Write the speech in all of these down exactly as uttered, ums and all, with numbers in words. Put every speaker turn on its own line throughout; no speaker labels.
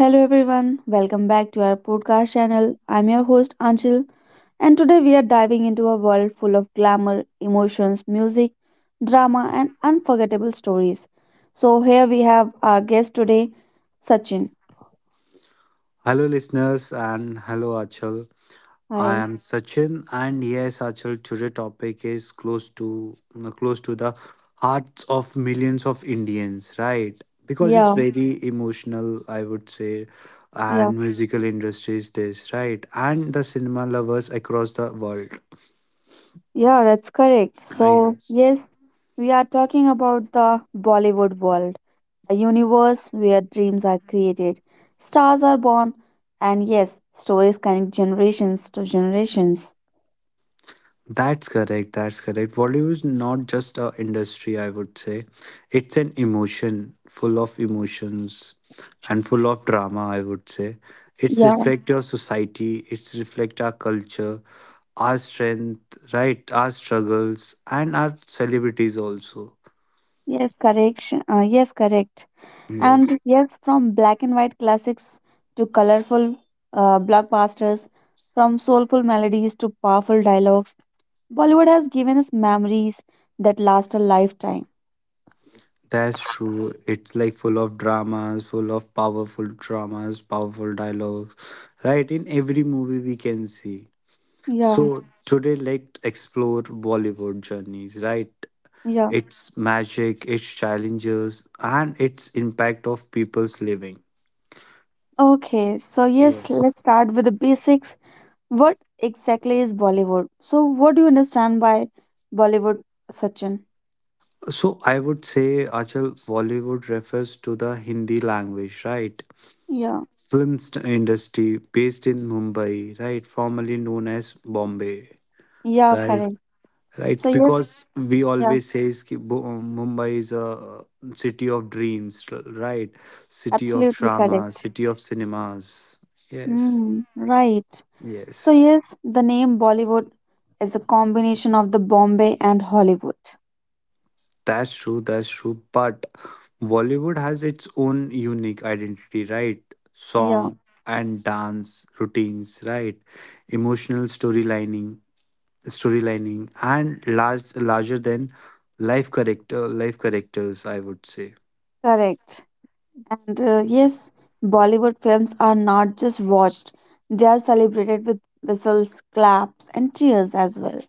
Hello everyone, welcome back to our podcast channel. I'm your host Anchil, and today we are diving into a world full of glamour, emotions, music, drama, and unforgettable stories. So here we have our guest today, Sachin.
Hello, listeners, and hello, Achal. I
Hi.
am Sachin, and yes, Achal, today topic is close to close to the hearts of millions of Indians, right? Because it's
Yeah,
very emotional, I would say,
yeah,
and musical industry is this, right? And the cinema lovers across the world.
yeah, that's correct. So,
Yes.
yes, we are talking about the Bollywood world, a universe where dreams are created, stars are born, and yes, stories connect generations to generations.
That's correct. That's correct. Bollywood is not just a industry, I would say. It's an emotion, full of emotions and full of drama, I would say. It's reflect your society, it's reflect our culture, our strength, right? Our struggles and our celebrities also.
Yes, correct. Uh, yes, correct.
Yes,
And yes, from black and white classics to colorful uh, blockbusters, from soulful melodies to powerful dialogues, Bollywood has given us memories that last a lifetime.
that's true. It's like full of dramas, full of powerful dramas, powerful dialogues, right? In every movie we can see.
Yeah,
So today let's explore Bollywood journeys, right?
yeah.
Its magic, its challenges, and its impact of people's living.
Okay, so yes,
Yes.
let's start with the basics. What exactly is Bollywood? So, what do you understand by Bollywood, Sachin?
So I would say Achal Bollywood refers to the Hindi language, right?
Yeah,
Film st- industry based in Mumbai, right? Formerly known as Bombay,
yeah,
right?
correct. So,
Right,
yes,
because we
yeah,
always says ki Bo- mumbai is a uh, city of dreams, r- right, city of
absolutely
drama,
correct.
city of cinemas. Yes,
Mm, right. So,
yes.
yes, the name Bollywood is a combination of the Bombay and Hollywood.
That's true that's true but Bollywood has its own unique identity, right? Song
Yeah,
and dance routines, right? Emotional storylining storylining and large larger than life character life characters, I would say,
correct. And uh, yes, Bollywood films are not just watched, they are celebrated with whistles, claps, and cheers as well.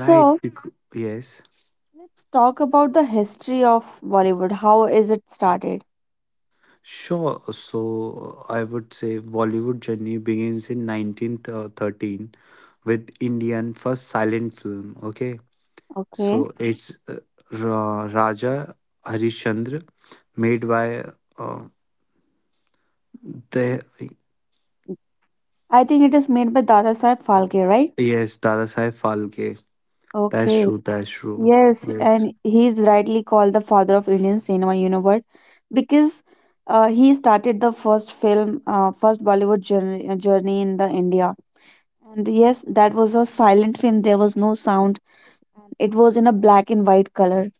right? Bec- yes.
let's talk about the history of Bollywood. How is it started?
Sure. uh, So uh, I would say Bollywood journey begins in nineteen thirteen with Indian first silent film. Okay.
Okay.
So, Mhm. it's uh, Ra- Raja Harishchandra, made by uh, the
I think it is made by Dada Saheb Phalke, right?
yes, Dada Sai Phalke. That's Mhm.
Okay.
true. That's true.
Yes,
Yes.
and he is rightly called the father of Indian cinema universe because uh, he started the first film, uh, first Bollywood journey, uh, journey in the India. And yes, that was a silent film. There was no sound. It was in a black and white color.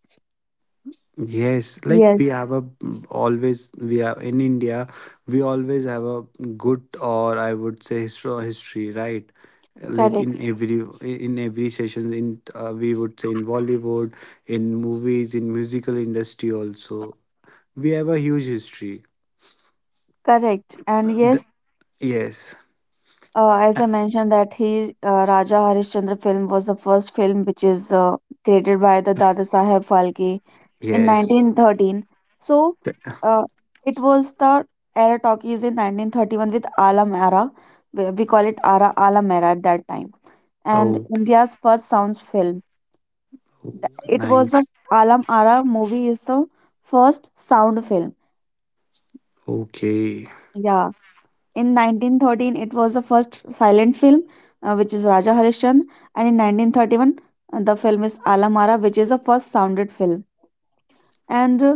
Yes, like
Yes,
we have a always we are in India, we always have a good, or I would say, history, history, right? Like in
correct,
every in every sessions, in uh, we would say, in Bollywood, in movies, in musical industry also, we have a huge history.
correct. And
Uh, the-
yes,
yes.
Uh, as
Uh,
I mentioned, that he uh, Raja Harishchandra film was the first film which is uh, created by the Dada Saheb Phalke in
yes.
nineteen thirteen. So
The-
uh, it was the era talkies in nineteen thirty-one with Alam era. We we call it Ara Alam era at that time. And
oh,
India's first sound film.
oh,
Th- It was the
nice.
Alam Ara movie is the first sound film.
Okay.
Yeah. In nineteen thirteen, it was the first silent film, uh, which is Raja Harishchandra, and in nineteen thirty-one, uh, the film is Alamara, which is the first sounded film. And uh,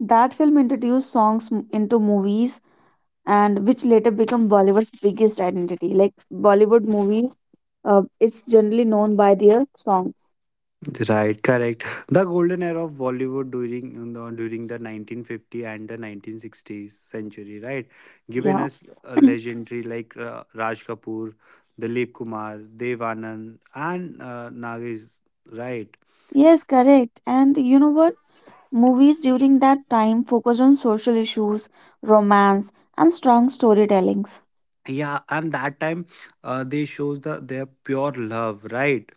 that film introduced songs m- into movies, and which later become Bollywood's biggest identity. Like Bollywood movies, uh, it's generally known by their songs.
Right, correct. The golden era of Bollywood, during you know, during the nineteen fifty and the nineteen sixties century, right? Given
Yeah.
us a legendary like uh, Raj Kapoor, Dilip Kumar, Dev Anand, and uh, Nagesh, right?
Yes, correct. And you know what? Movies during that time focused on social issues, romance, and strong storytellings.
Yeah, and that time, uh, they shows the their pure love, right?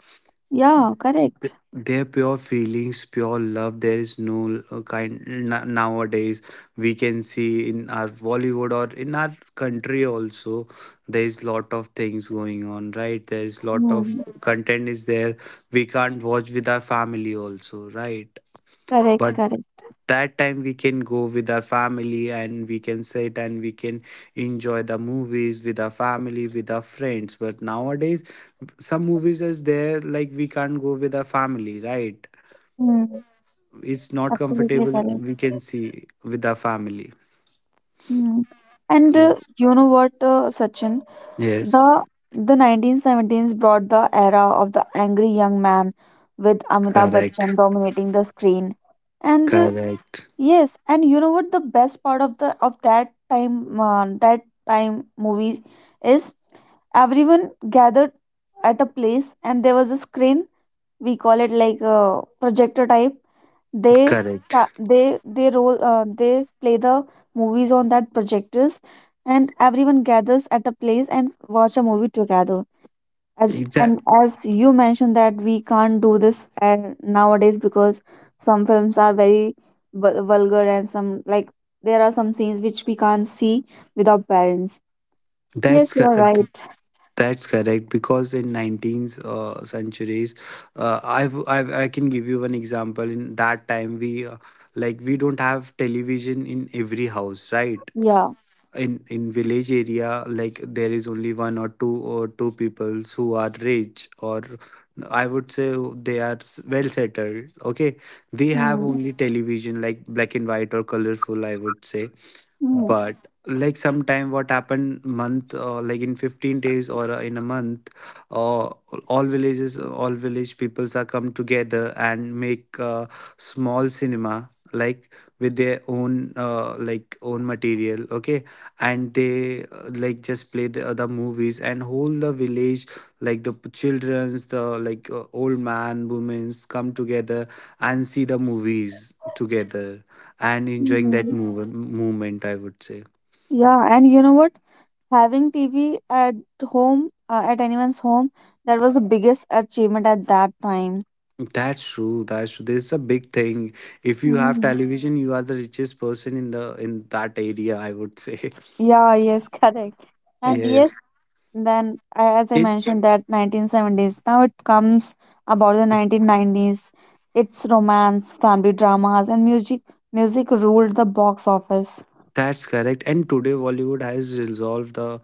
Yeah,
Th-
correct.
their pure feelings, pure love. There is no uh, kind, n- nowadays we can see in our Bollywood or in our country also. There is lot of things going on, right? There is lot of
Mm,
content is there, we can't watch with our family also, right?
correct,
But
correct.
that time we can go with our family and we can sit and we can enjoy the movies with our family, with our friends, but nowadays some movies is there like we can't go with our family, right?
Mm,
It's not
absolutely
comfortable
correct.
we can see with our family.
Mm. And uh,
Yes,
you know what, uh, Sachin?
yes.
The the nineteen seventies brought the era of the angry young man with Amitabh Bachchan
Correct,
dominating the screen. And uh,
correct,
yes, and you know what the best part of the of that time uh, that time movies is everyone gathered at a place and there was a screen we call it like a projector type. They
correct.
sta- they they roll, uh, they play the movies on that projectors, and everyone gathers at a place and watch a movie together. As and
that
as you mentioned that we can't do this uh, nowadays because some films are very vul- vulgar and some like there are some scenes which we can't see without parents.
that's
Yes, you are
correct.
right.
That's correct because in nineteenth uh, centuries, uh, I've, I've I can give you one example. In that time, we uh, like we don't have television in every house, right?
Yeah.
In in village area, like there is only one or two or two peoples who are rich, or I would say they are s- well settled. Okay, they have
Hmm.
only television like black and white or colorful, I would say.
Hmm.
But like sometime what happened month, uh, like in fifteen days or uh, in a month, uh, all villages all village peoples are come together and make a small cinema, like with their own uh, like own material. Okay. And they uh, like just play the other movies, and whole the village, like the children's, the like uh, old man, women's come together and see the movies together and enjoying that
Hmm.
move- movement, I would say.
Yeah, and you know what? Having T V at home, uh, at anyone's home, that was the biggest achievement at that time.
That's true that's true This is a big thing. If you have
Mhm.
television, you are the richest person in the in that area, I would say.
Yeah, yes, correct. And yes,
Yes.
then a- as I
it
mentioned that nineteen seventies, now it comes about the nineteen nineties. It's romance, family dramas, and music. Music ruled the box office.
That's correct. And today Bollywood has resolved the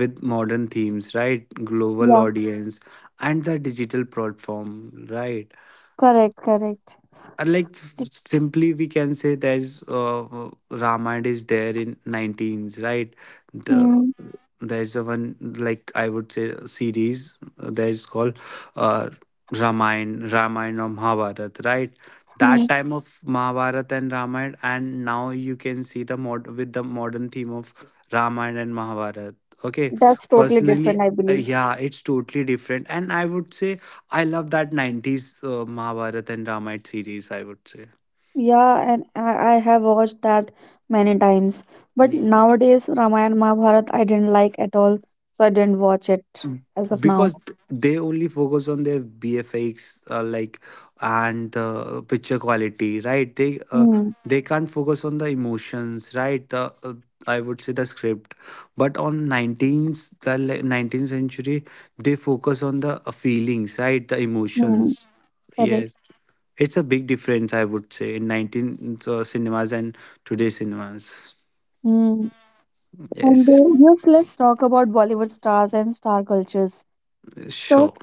with modern themes, right? Global
Yeah,
audience, and the digital platform, right?
correct, correct.
And like, f- simply we can say, there's uh, Ramayana is there in nineteens, right? The
Mm,
there's a one, like I would say, a series uh, that is called uh, Ramayana, Ramayana or Mahabharata, right?
mm.
That time of Mahabharat and Ramayana, and now you can see the mod with the modern theme of Ramayana and Mahabharat. Okay,
That's totally different,
personally,
I
uh,
believe.
yeah, it's totally different, and I would say I love that nineties uh, Mahabharata and Ramayana series, I would say.
Yeah, and I, I have watched that many times. But
Mm,
nowadays, Ramayana Mahabharata, I didn't like at all, so I didn't watch it as of now.
Because th- they only focus on their B F X, uh, like, and uh, picture quality, right? They uh,
Mm,
they can't focus on the emotions, right? The uh, I would say the script, but on nineteenth, the le- nineteenth century, they focus on the uh, feelings, right? The
mm,
emotions.
correct.
Yes, it's a big difference, I would say, in nineteenth uh, cinemas and today's cinemas.
Hmm. And
Yes,
uh, yes, let's talk about Bollywood stars and star cultures. So,
sure.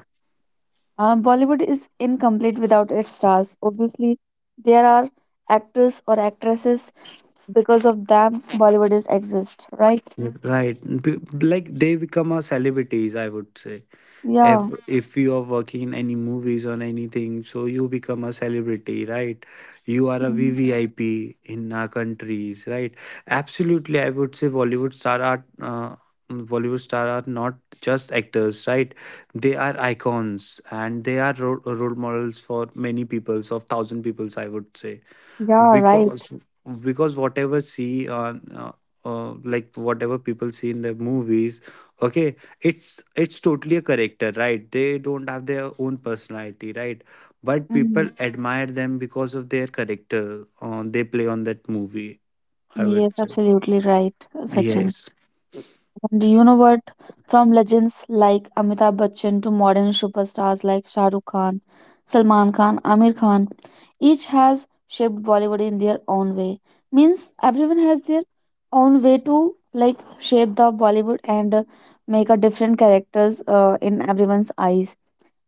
Uh, Bollywood is incomplete without its stars. Obviously, there are actors or actresses. Because of them, Bollywood is exist, right?
Right. B- like, they become a celebrities, I would say. If
Yeah,
if you are working in any movies or anything, so you become a celebrity, right? You are a
mm,
V V I P in our countries, right? Absolutely, I would say Bollywood star are uh, Bollywood star are not just actors, right? They are icons and they are ro- role models for many peoples, of thousand peoples, I would say.
yeah, right.
Because because whatever see on uh, uh, like, whatever people see in the movies. Okay, it's it's totally a character, right? They don't have their own personality, right? But
Hmm.
people admire them because of their character, uh, they play on that movie, I would
Yes,
say.
absolutely right, Sachin.
Yes.
And you know what? From legends like Amitabh Bachchan to modern superstars like Shah Rukh Khan, Salman Khan, Amir Khan, each has shaped Bollywood in their own way. Means everyone has their own way to like shape the Bollywood and uh, make a different characters uh, in everyone's eyes.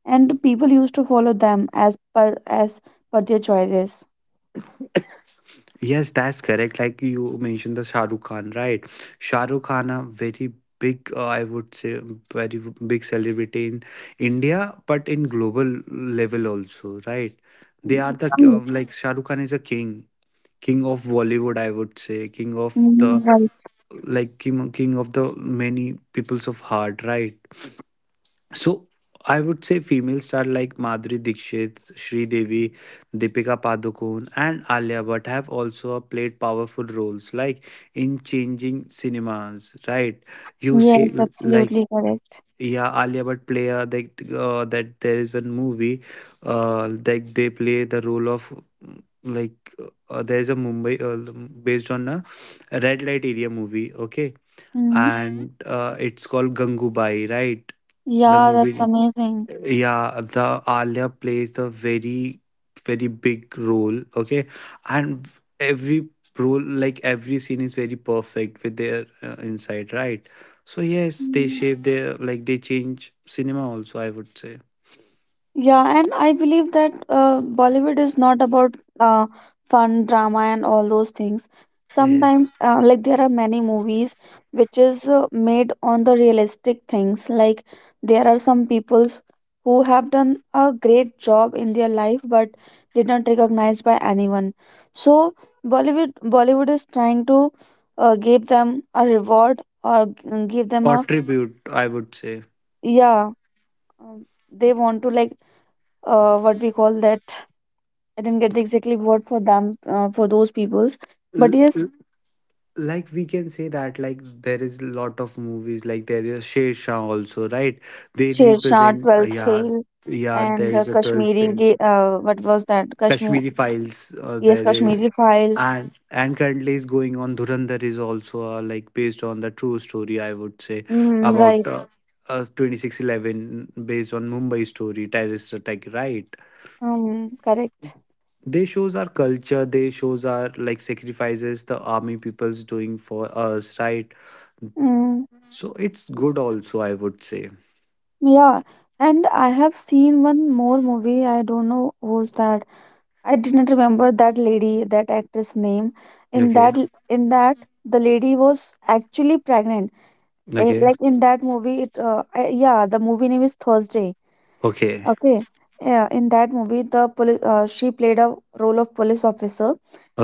And people used to follow them as per as per their choices.
Yes, that's correct. Like you mentioned the Shah Rukh Khan, right? Shah Rukh Khan, a very big, uh, I would say, very big celebrity in India, but in global level also, right? They are
Mm,
the, uh, like, Shah Rukh Khan is a king, king of Bollywood, I would say, king of
mm,
the,
right.
like, king, king of the many peoples of heart, right? So, I would say female star like Madhuri Dixit, Devi, Deepika Padukone, and Alia Bhatt have also played powerful roles, like in changing cinemas, right? You see,
Yes,
Mhm. like,
absolutely correct.
yeah, Alia Bhatt play uh, that uh, that there is one movie, uh, like they play the role of, mm, like, uh, there is a Mumbai, uh, based on a red light area movie. Okay. Mhm.
Mhm.
And uh, it's called Gangubai, right? The
Yeah, that's
movie
amazing.
Yeah, the Alia plays a very, very big role. Okay. And every role, like every scene is very perfect with their uh, inside, right? So yes, they
Mm,
shape their like they change cinema also, I would say.
yeah, and I believe that uh, Bollywood is not about uh, fun, drama, and all those things.
Yes,
Sometimes, uh, like there are many movies which is uh, made on the realistic things. Like there are some peoples who have done a great job in their life but did not recognized by anyone. So Bollywood Bollywood is trying to uh, give them a reward or g- give them a
contribute, I would say.
yeah, um, they want to like uh, what we call that I didn't get the exactly word for them uh, for those peoples, but
L-
yes,
l- like, we can say that, like, there is a lot of movies, like there is Sher Shah also, right? They
Sher Shah,
represent, uh,
Twelfth
yeah,
Fail,
yeah, there
and uh,
is a twelfth
Kashmiri
film,
ga- uh, what was that? Kashmir,
Kashmiri Files, uh,
yes,
there is.
Kashmiri Files.
And and currently is going on Dhurandhar is also, uh, like based on the true story, I would say,
Mm,
about
right.
uh, uh, twenty six eleven, based on Mumbai story terrorist attack, right?
Um, correct.
They shows our culture, they shows our like sacrifices the army people's doing for us, right?
Mm,
So it's good also, I would say.
yeah. And I have seen one more movie. I don't know who's that. I didn't remember that lady, that actress name. In
Okay,
that, in that, the lady was actually pregnant. Like,
okay,
like in that movie, it uh, I, yeah, the movie name is Thursday.
okay,
Okay. Yeah, in that movie, the police, uh, she played a role of police officer,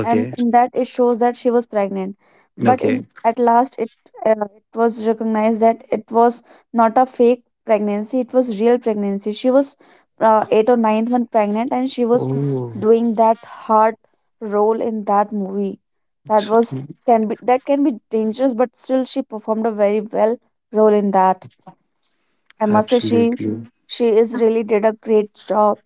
and in that it shows that she was pregnant. But in
okay.
at last, it uh, it was recognized that it was not a fake pregnancy; it was real pregnancy. She was uh, eight or ninth month pregnant, and she was
Oh,
doing that hard role in that movie. That
so,
was can be that can be dangerous, but still she performed a very well role in that. I must say she
absolutely,
she is really did a great job.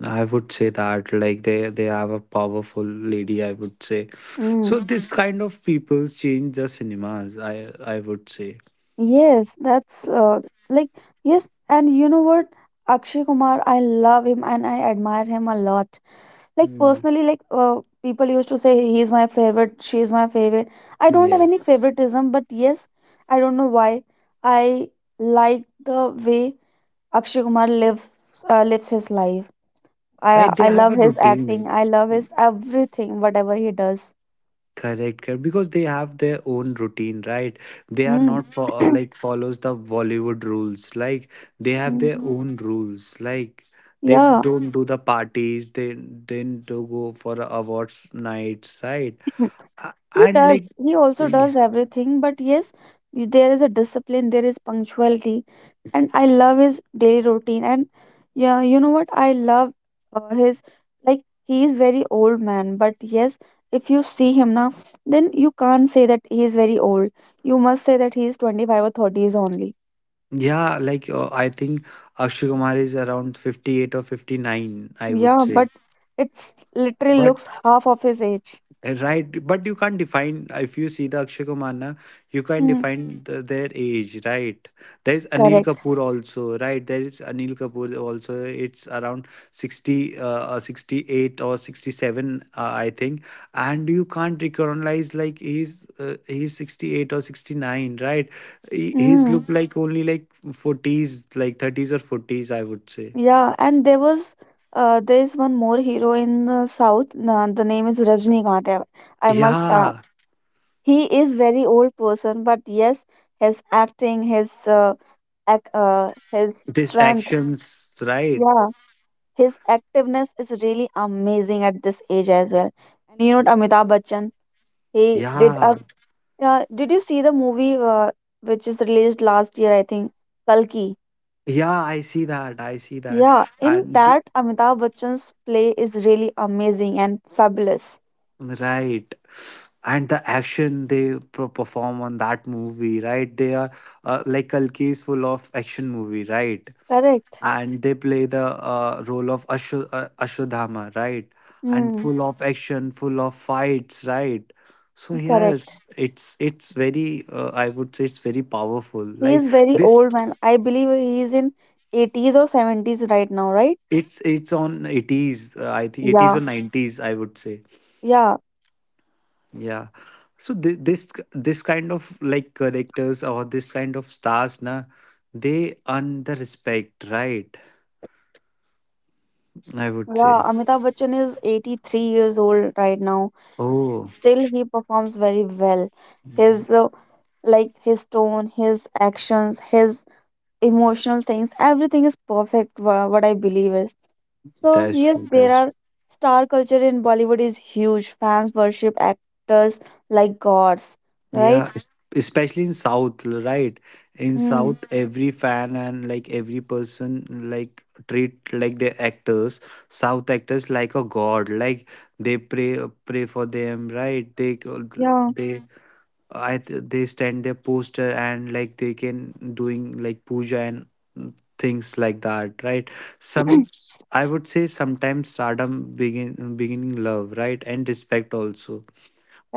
I would say that, like, they they have a powerful lady, I would say.
Mm,
So, hmm this kind of people change the cinemas, I I would say.
yes, that's uh, like yes, and you know what? Akshay Kumar, I love him and I admire him a lot. Like
mm,
personally, like uh, people used to say he's my favorite, she's my favorite. I don't have
yeah,
any favoritism, but yes, I don't know why I like the way Akshay Kumar lives uh, lives his life.
right,
I
they
I
have
love
a
his
routine.
acting. I love his everything, whatever he does.
Correct, correct, because they have their own routine, right? They are
Hmm.
not for, like, follows the Bollywood rules, like they have their
Mhm.
own rules, like they
Yeah,
don't do the parties, they didn't do go for awards nights, right?
he
A- and
does.
like,
He also does everything, but yes, there is a discipline, there is punctuality, and I love his daily routine. And yeah, you know what? I love uh, his like he is very old man, but yes, if you see him now, then you can't say that he is very old. You must say that he is twenty-five or thirties only.
yeah, like uh, I think Akshay Kumar is around fifty-eight or fifty-nine, I would
Yeah,
say.
but it's literally
But,
looks half of his age.
right, but you can't define if you see the Akshay Kumar na, you can't
Mm,
define the, their age, right? There is Anil
correct.
Kapoor also, right? There is Anil Kapoor also. It's around sixty, uh, uh, sixty-eight or sixty-seven, uh, I think. And you can't recognize, like, he's uh, he's sixty-eight or sixty-nine, right? He, he's look
Mm.
like only like forties, like thirties or forties, I would say.
Yeah, and there was uh, there is one more hero in the South. Uh, the name is Rajinikanth. I I must. Uh,
Yeah,
he is very old person, but yes, his acting, his uh, ac uh, his
these
strength,
actions, right?
yeah, his activeness is really amazing at this age as well. And you know, Amitabh Bachchan, he did. Uh,
Yeah.
uh, did you see the movie uh, which is released last year? I think Kalki.
Yeah, I see that. I see that.
Yeah, in
And the,
that Amitabh Bachchan's play is really amazing and fabulous.
right. And the action they pro- perform on that movie, right? They are, uh, like, Kalki is full of action movie, right?
Correct.
And they play the uh, role of Ashu- uh, Ashwadhama, right? And
Hmm,
full of action, full of fights, right? So yes,
correct.
it's it's very, uh, I would say, it's very powerful.
He
Like
is very
this,
old man. I believe he is in eighties or seventies right now, right?
it's it's on eighties, uh, I think eighties
Yeah,
or nineties, I would say.
yeah,
Yeah. So thi- this this kind of, like, characters, or this kind of stars na, they earn the respect, right? I would
yeah.
say.
Amitabh Bachchan is eighty-three years old right now.
Oh,
Still, he performs very well. His uh, like his tone, his actions, his emotional things, everything is perfect. wha- What I believe is. So
that's
yes,
true.
there
That's
are star culture in Bollywood is huge. Fans worship actors like gods,
Yeah,
right?
es- especially in South, l- right? In
Mm,
South, every fan and like every person, like, treat like their actors, South actors, like a god. Like they pray pray for them, right? They go-
yeah,
they I th- they stand their poster and, like, they can doing like puja and things like that, right? Some I would say sometimes stardom begin beginning love, right, and respect also,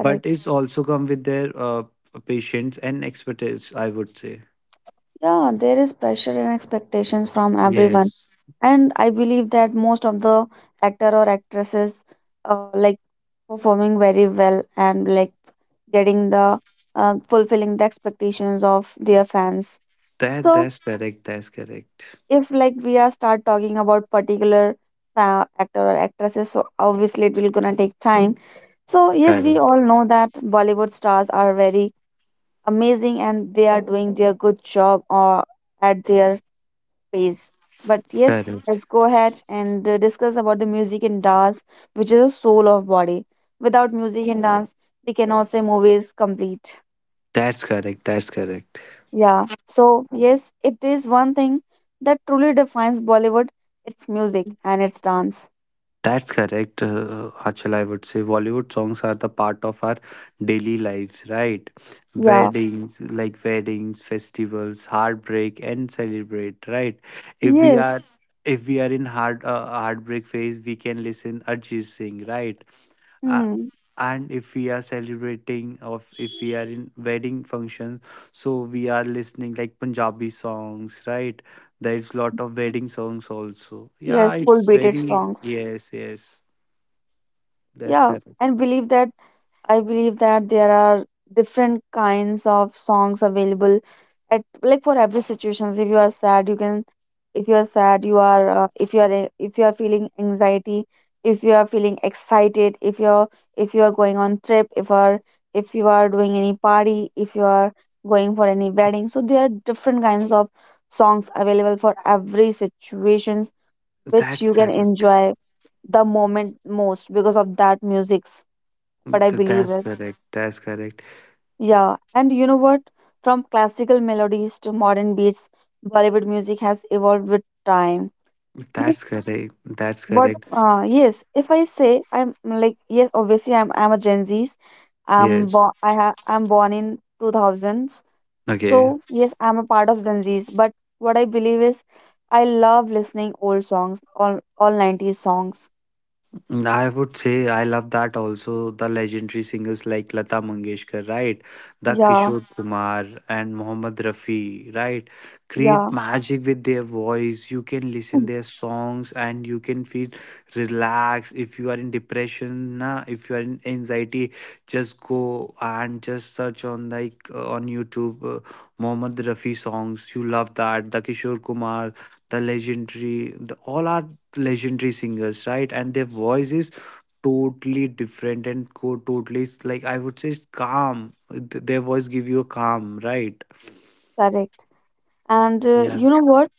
but it's also come with their uh, patience and expertise. I would say
Yeah, there is pressure and expectations from everyone,
yes,
and I believe that most of the actor or actresses uh, like performing very well and like getting the uh, fulfilling the expectations of their fans.
that
So
that's correct. That's correct.
if like we are start talking about particular uh, actor or actresses, so obviously it will gonna take time. So yes, we
Correct.
all know that Bollywood stars are very amazing and they are doing their good job or at their pace. But yes, let's
Correct.
go ahead and uh, discuss about the music and dance, which is the soul of body. Without music and dance, we cannot say movies complete.
That's correct. That's correct.
Yeah. So yes, if there is one thing that truly defines Bollywood, it's music and it's dance.
That's correct, uh, Achal. I would say Bollywood songs are the part of our daily lives, right?
Yeah.
Weddings, like weddings, festivals, heartbreak, and celebrate, right? If we
Yes.
are if we are in heart uh, heartbreak phase, we can listen Arjit Singh, right? uh,
Mm.
and if we are celebrating or if we are in wedding functions, so we are listening like Punjabi songs, right? There's lot of wedding songs also, yeah,
Yes. Full
it's
beaded
very,
songs.
yes, yes. That's
Yeah.
correct.
And believe that I believe that there are different kinds of songs available at like for every situations. If you are sad, you can. If you are sad, you are. Uh, if you are a- if you are feeling anxiety, if you are feeling excited, if you're if you are going on trip, if are if you are doing any party, if you are going for any wedding. So there are different kinds of songs available for every situations which
That's
you can
correct.
enjoy the moment most because of that music's. But I
Th-
believe
that's
it.
correct, that's correct,
Yeah, and you know what? From classical melodies to modern beats, Bollywood music has evolved with time. Like
that's correct, that's
what?
correct.
Uh, yes. If I say I'm like yes, obviously I'm I'm a Gen Z's. I'm
Yes.
born I have I'm born in two thousands.
Okay.
So yes, I'm a part of Gen Z's. But what I believe is, I love listening old songs, all all nineties songs.
I would say I love that also, the legendary singers like Lata Mangeshkar, right? The
Yeah,
Kishore Kumar and Mohammed Rafi, right? Create
yeah.
magic with their voice. You can listen their songs and you can feel relaxed. If you are in depression, na, if you are in anxiety, just go and just search on like uh, on YouTube uh, Mohammed Rafi songs. You love that. The Kishore Kumar, the legendary the, all are legendary singers, right? And their voice is totally different and co- totally, it's like I would say it's calm. Th- their voice give you a calm, right?
Correct. And uh,
Yeah.
you know what?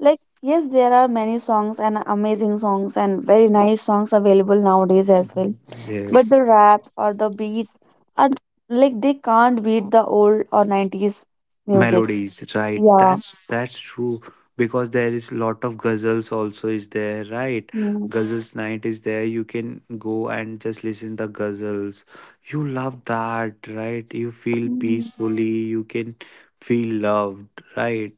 Like, yes, there are many songs and amazing songs and very nice songs available nowadays as well.
Mhm.
But
Yes,
the rap or the beats are like they can't beat the old or nineties music.
melodies, right?
Yeah.
that's that's true, because there is lot of ghazals also is there, right?
Mm.
Ghazals night is there, you can go and just listen the ghazals, you love that, right? You feel
Mm.
peacefully, you can feel loved, right?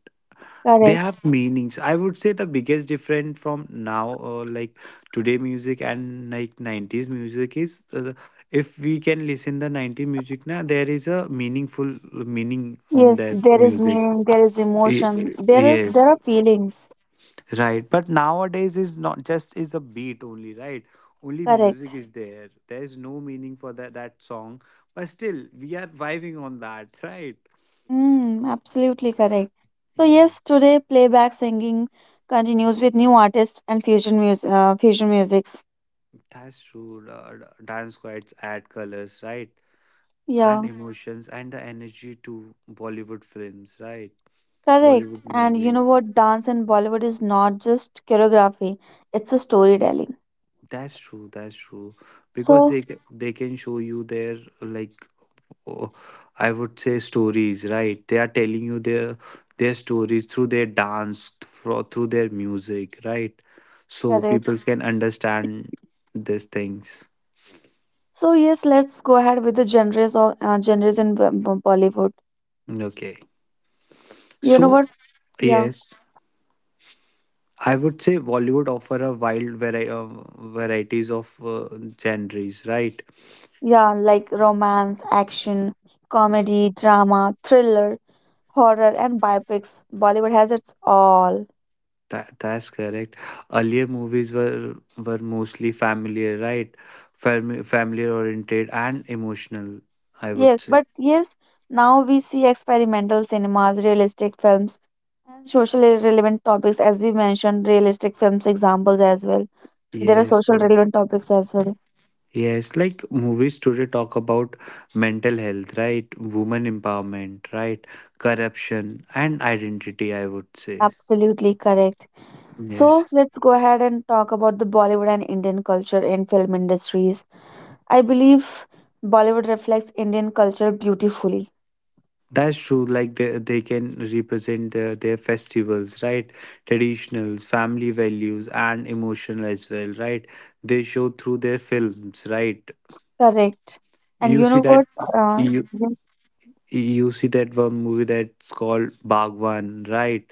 They
Correct.
have meanings. I would say the biggest difference from now uh, like today music and like nineties music is uh, if we can listen the nineties music now, there is a meaningful meaning on
Yes,
that
there is
music.
meaning, there is
Y-
emotion, there are there
yes,
are feelings.
right? But nowadays is not just is a beat only, right? Only music
Correct.
is there, there is no meaning for that that song, but still we are vibing on that, right?
Mm, absolutely correct. So yes,
Yes,
today playback singing continues with new artists and fusion music, uh, fusion music.
that's true. Uh, dance squads add colors, right? And
Yeah,
Mm, emotions and the energy to Bollywood films, right?
correct.
Bollywood mm,
And you
movies.
know what? Dance in Bollywood is not just choreography, it's a storytelling.
That's true. That's true. Because
So,
they ca- they can show you their like oh, I would say stories, right? They are telling you their their stories through their dance, thro- through their music, right? So people
Correct.
mm, can understand these things.
So yes, let's go ahead with the genres of uh, genres in Bo- Bo- Bollywood.
Okay.
You know
So
what? Yeah,
yes. I would say Bollywood offer a wild vari- uh, varieties of uh, genres, right?
yeah, like romance, action, comedy, drama, thriller, horror, and biopics. Bollywood has its all.
That that's correct. Earlier movies were were mostly familiar, right? Fam- familiar oriented and emotional, I would
Yes,
say.
but yes, now we see experimental cinemas, realistic films, and socially relevant topics, as we mentioned, realistic films examples as well. There are
Yes.
social relevant topics as well.
Yes, like movies today talk about mental health, right? Women empowerment, right? Corruption and identity, I would say.
Absolutely correct. So
Yes.
let's go ahead and talk about the Bollywood and Indian culture in film industries. I believe Bollywood reflects Indian culture beautifully.
That's true. Like they, they can represent their, their festivals, right? Traditionals, family values, and emotional as well, right? They show through their films, right?
Correct. And
You
you
see
know
that,
what? Uh,
you
yeah.
you see that one movie that's called Bhagwan, right?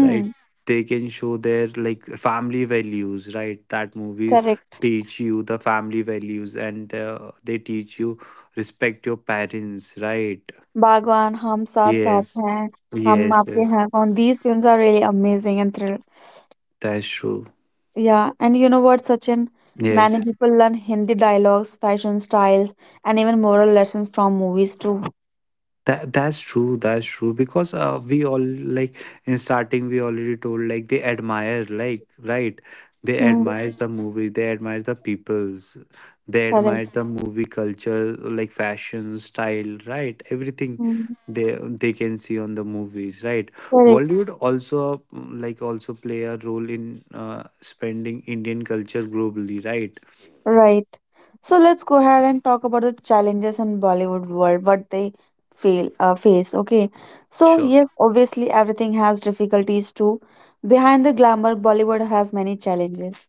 Right. They can show their like family values, right? That movie
correct.
teach you the family values and uh, they teach you respect your parents, right?
Bhagwan, 'हम साथ-साथ
Yes.
हैं', 'हम
Yes,
आपके
yes.
हैं कौन', these films are really amazing and thrill.
That's true.
Yeah, and you know what, Sachin?
Yes,
Many people learn Hindi dialogues, fashion styles, and even moral lessons from movies too.
that that's true. That's true because uh, we all like in starting we already told like they admire like right. They
Mm,
admire the movie. They admire the peoples. They admire
correct.
the movie culture, like fashion, style, right? Everything
Mm,
they they can see on the movies, right?
correct.
Bollywood also mm, like also play a role in uh, spending Indian culture globally, right?
Right. So let's go ahead and talk about the challenges in Bollywood world, what they feel uh, face. Okay. So
Sure.
yes, obviously everything has difficulties too. Behind the glamour, Bollywood has many challenges.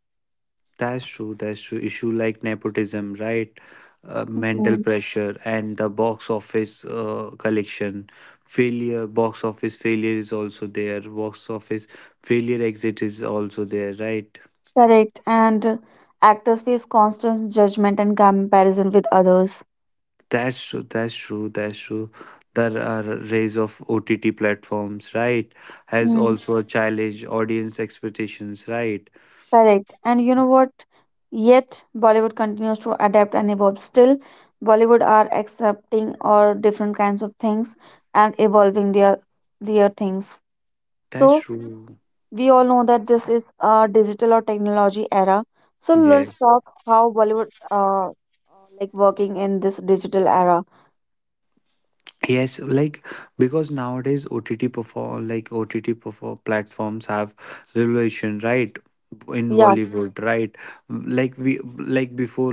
That's true. That's true. Issue like nepotism, right? Uh, mental pressure and the box office uh, collection failure. Box office failure is also there. Box office failure exit is also there, right?
Correct. And uh, actors face constant judgment and comparison with others.
That's true. That's true. That's true. The uh, rise of O T T platforms, right, has
Mm,
also a challenge audience expectations, right?
correct. And you know what? Yet Bollywood continues to adapt and evolve. Still, Bollywood are accepting or different kinds of things and evolving their their things.
That's
So
true.
we all know that this is a digital or technology era. So let's
Yes.
talk how Bollywood uh uh, like working in this digital era.
Yes, like because nowadays O T T perform like O T T perform platforms have relation, right? In
Yeah,
Bollywood, right? Like we like before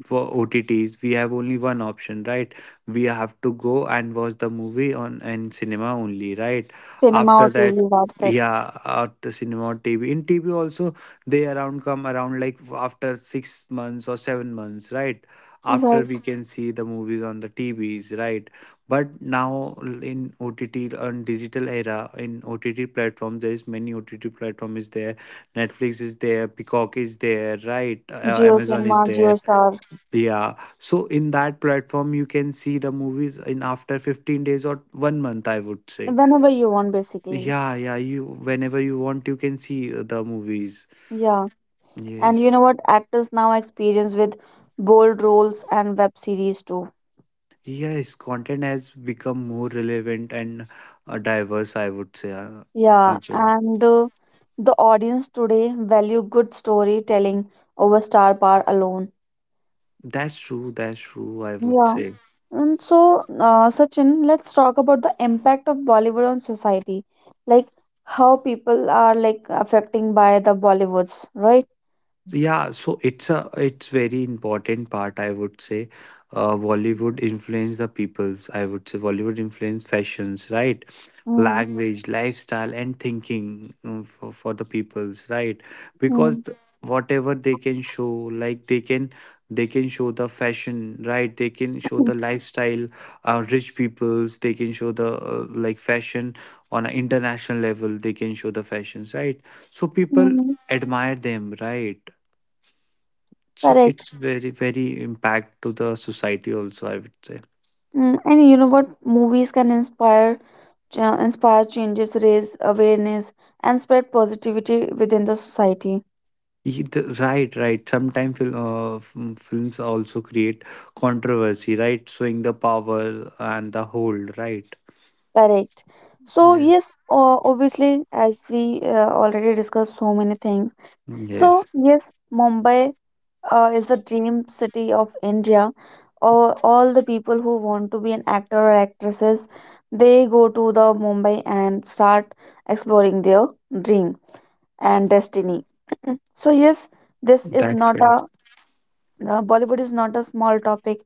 for O T Ts, we have only one option, right? We have to go and watch the movie on in cinema only, right?
cinema
After
or
that,
T V, that's it.
yeah, after cinema or T V. In T V also, they around come around like after six months or seven months, right? After
Right.
we can see the movies on the T Vs, right? But now in OTT and digital era, in OTT platform, there is many OTT platform is there. Netflix is there, Peacock is there, right? Uh,
Geo
amazon
Cinema,
is
Geo
there.
Star,
Yeah, so in that platform you can see the movies in after fifteen days or one month, I would say.
whenever you want, basically.
Yeah yeah you whenever you want, you can see uh, the movies.
Yeah, and you
Yes.
know what? Actors now experience with bold roles and web series too.
Yes, content has become more relevant and uh, diverse, I would say, uh,
Yeah,
Anchal.
and uh, the audience today value good storytelling over star power alone.
That's true. That's true. I would
Yeah,
say.
and so uh, Sachin, let's talk about the impact of Bollywood on society, like how people are like affecting by the Bollywoods, right?
Yeah, so it's a it's very important part, I would say. Uh, Bollywood influence the peoples. I would say Bollywood influence fashions, right?
Mm,
Language, lifestyle, and thinking um, for, for the peoples, right? Because
mm,
th- whatever they can show, like they can they can show the fashion, right? They can show the lifestyle, uh, rich peoples. They can show the uh, like fashion on an international level. They can show the fashions, right? So people
mm,
admire them, right? So
correct.
it's very, very impact to the society also, I would say.
Mm, and you know what? Movies can inspire, cha- inspire changes, raise awareness, and spread positivity within the society.
Ye- the- Right, right. Sometimes fil- uh, f- mm, films also create controversy, right? Showing the power and the hold, right?
Correct. So
Yes.
yes, uh, obviously, as we uh, already discussed so many things. So
Yes,
yes, Mumbai uh, is the dream city of India. All, all the people who want to be an actor or actresses, they go to the Mumbai and start exploring their dream. And destiny. So, yes, this is
that's
not a
correct.
uh, Bollywood is not a small topic.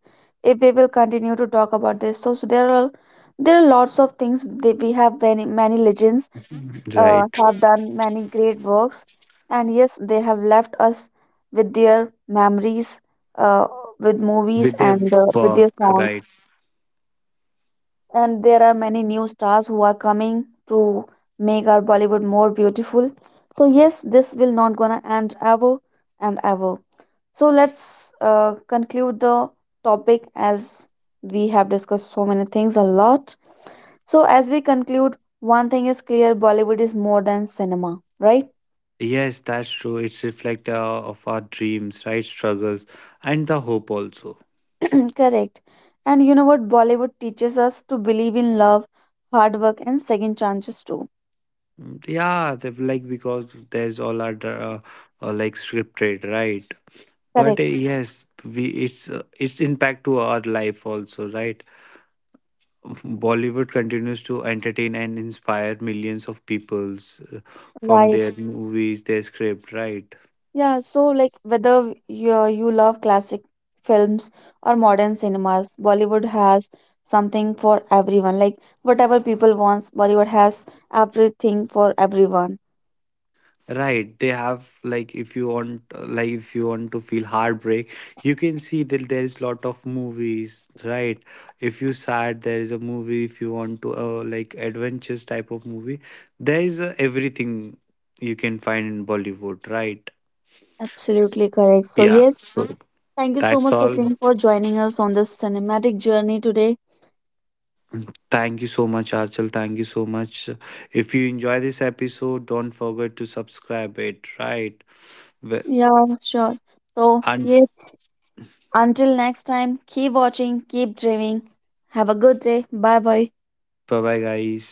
If we will continue to talk about this, so, so there are there are lots of things that we have many many legends uh,
Right.
have done many great works, and yes, they have left us with their memories, uh, with movies
With their
and uh, with
work,
their songs,
right.
and there are many new stars who are coming to make our Bollywood more beautiful. So yes, this will not gonna end ever and ever. So let's uh, conclude the topic, as we have discussed so many things a lot. So as we conclude, one thing is clear: Bollywood is more than cinema, right?
Yes, that's true. It's reflect uh, of our dreams, right? Struggles and the hope also.
Correct. And you know what? Bollywood teaches us to believe in love, hard work, and second chances too.
Mm, yeah, they like because there's all our dra- uh, uh, like scripted, right? But uh,
Correct.
yes, we it's uh, its impact to our life also, right? Bollywood continues to entertain and inspire millions of peoples uh, from
Right.
their Mhm. movies, their script, right?
Yeah, so like whether you, uh, you love classic films or modern cinemas, Bollywood has something for everyone. Like whatever people wants, Bollywood has everything for everyone.
Right, they have like, if you want, like if you want to feel heartbreak, you can see that there is lot of movies, right? If you sad, there is a movie, if you want to uh, like adventures type of movie, there is uh, everything you can find in Bollywood, right?
Absolutely correct. So
Yeah,
yes,
so
thank you so
that's
much
all.
Sachin for joining us on this cinematic journey today.
Thank you so much, Archal. Thank you so much. If you enjoy this episode, don't forget to subscribe it, right? Well,
Yeah, sure. So
and
yes, until next time, keep watching, keep dreaming. Have a good day. Bye bye.
bye bye, guys.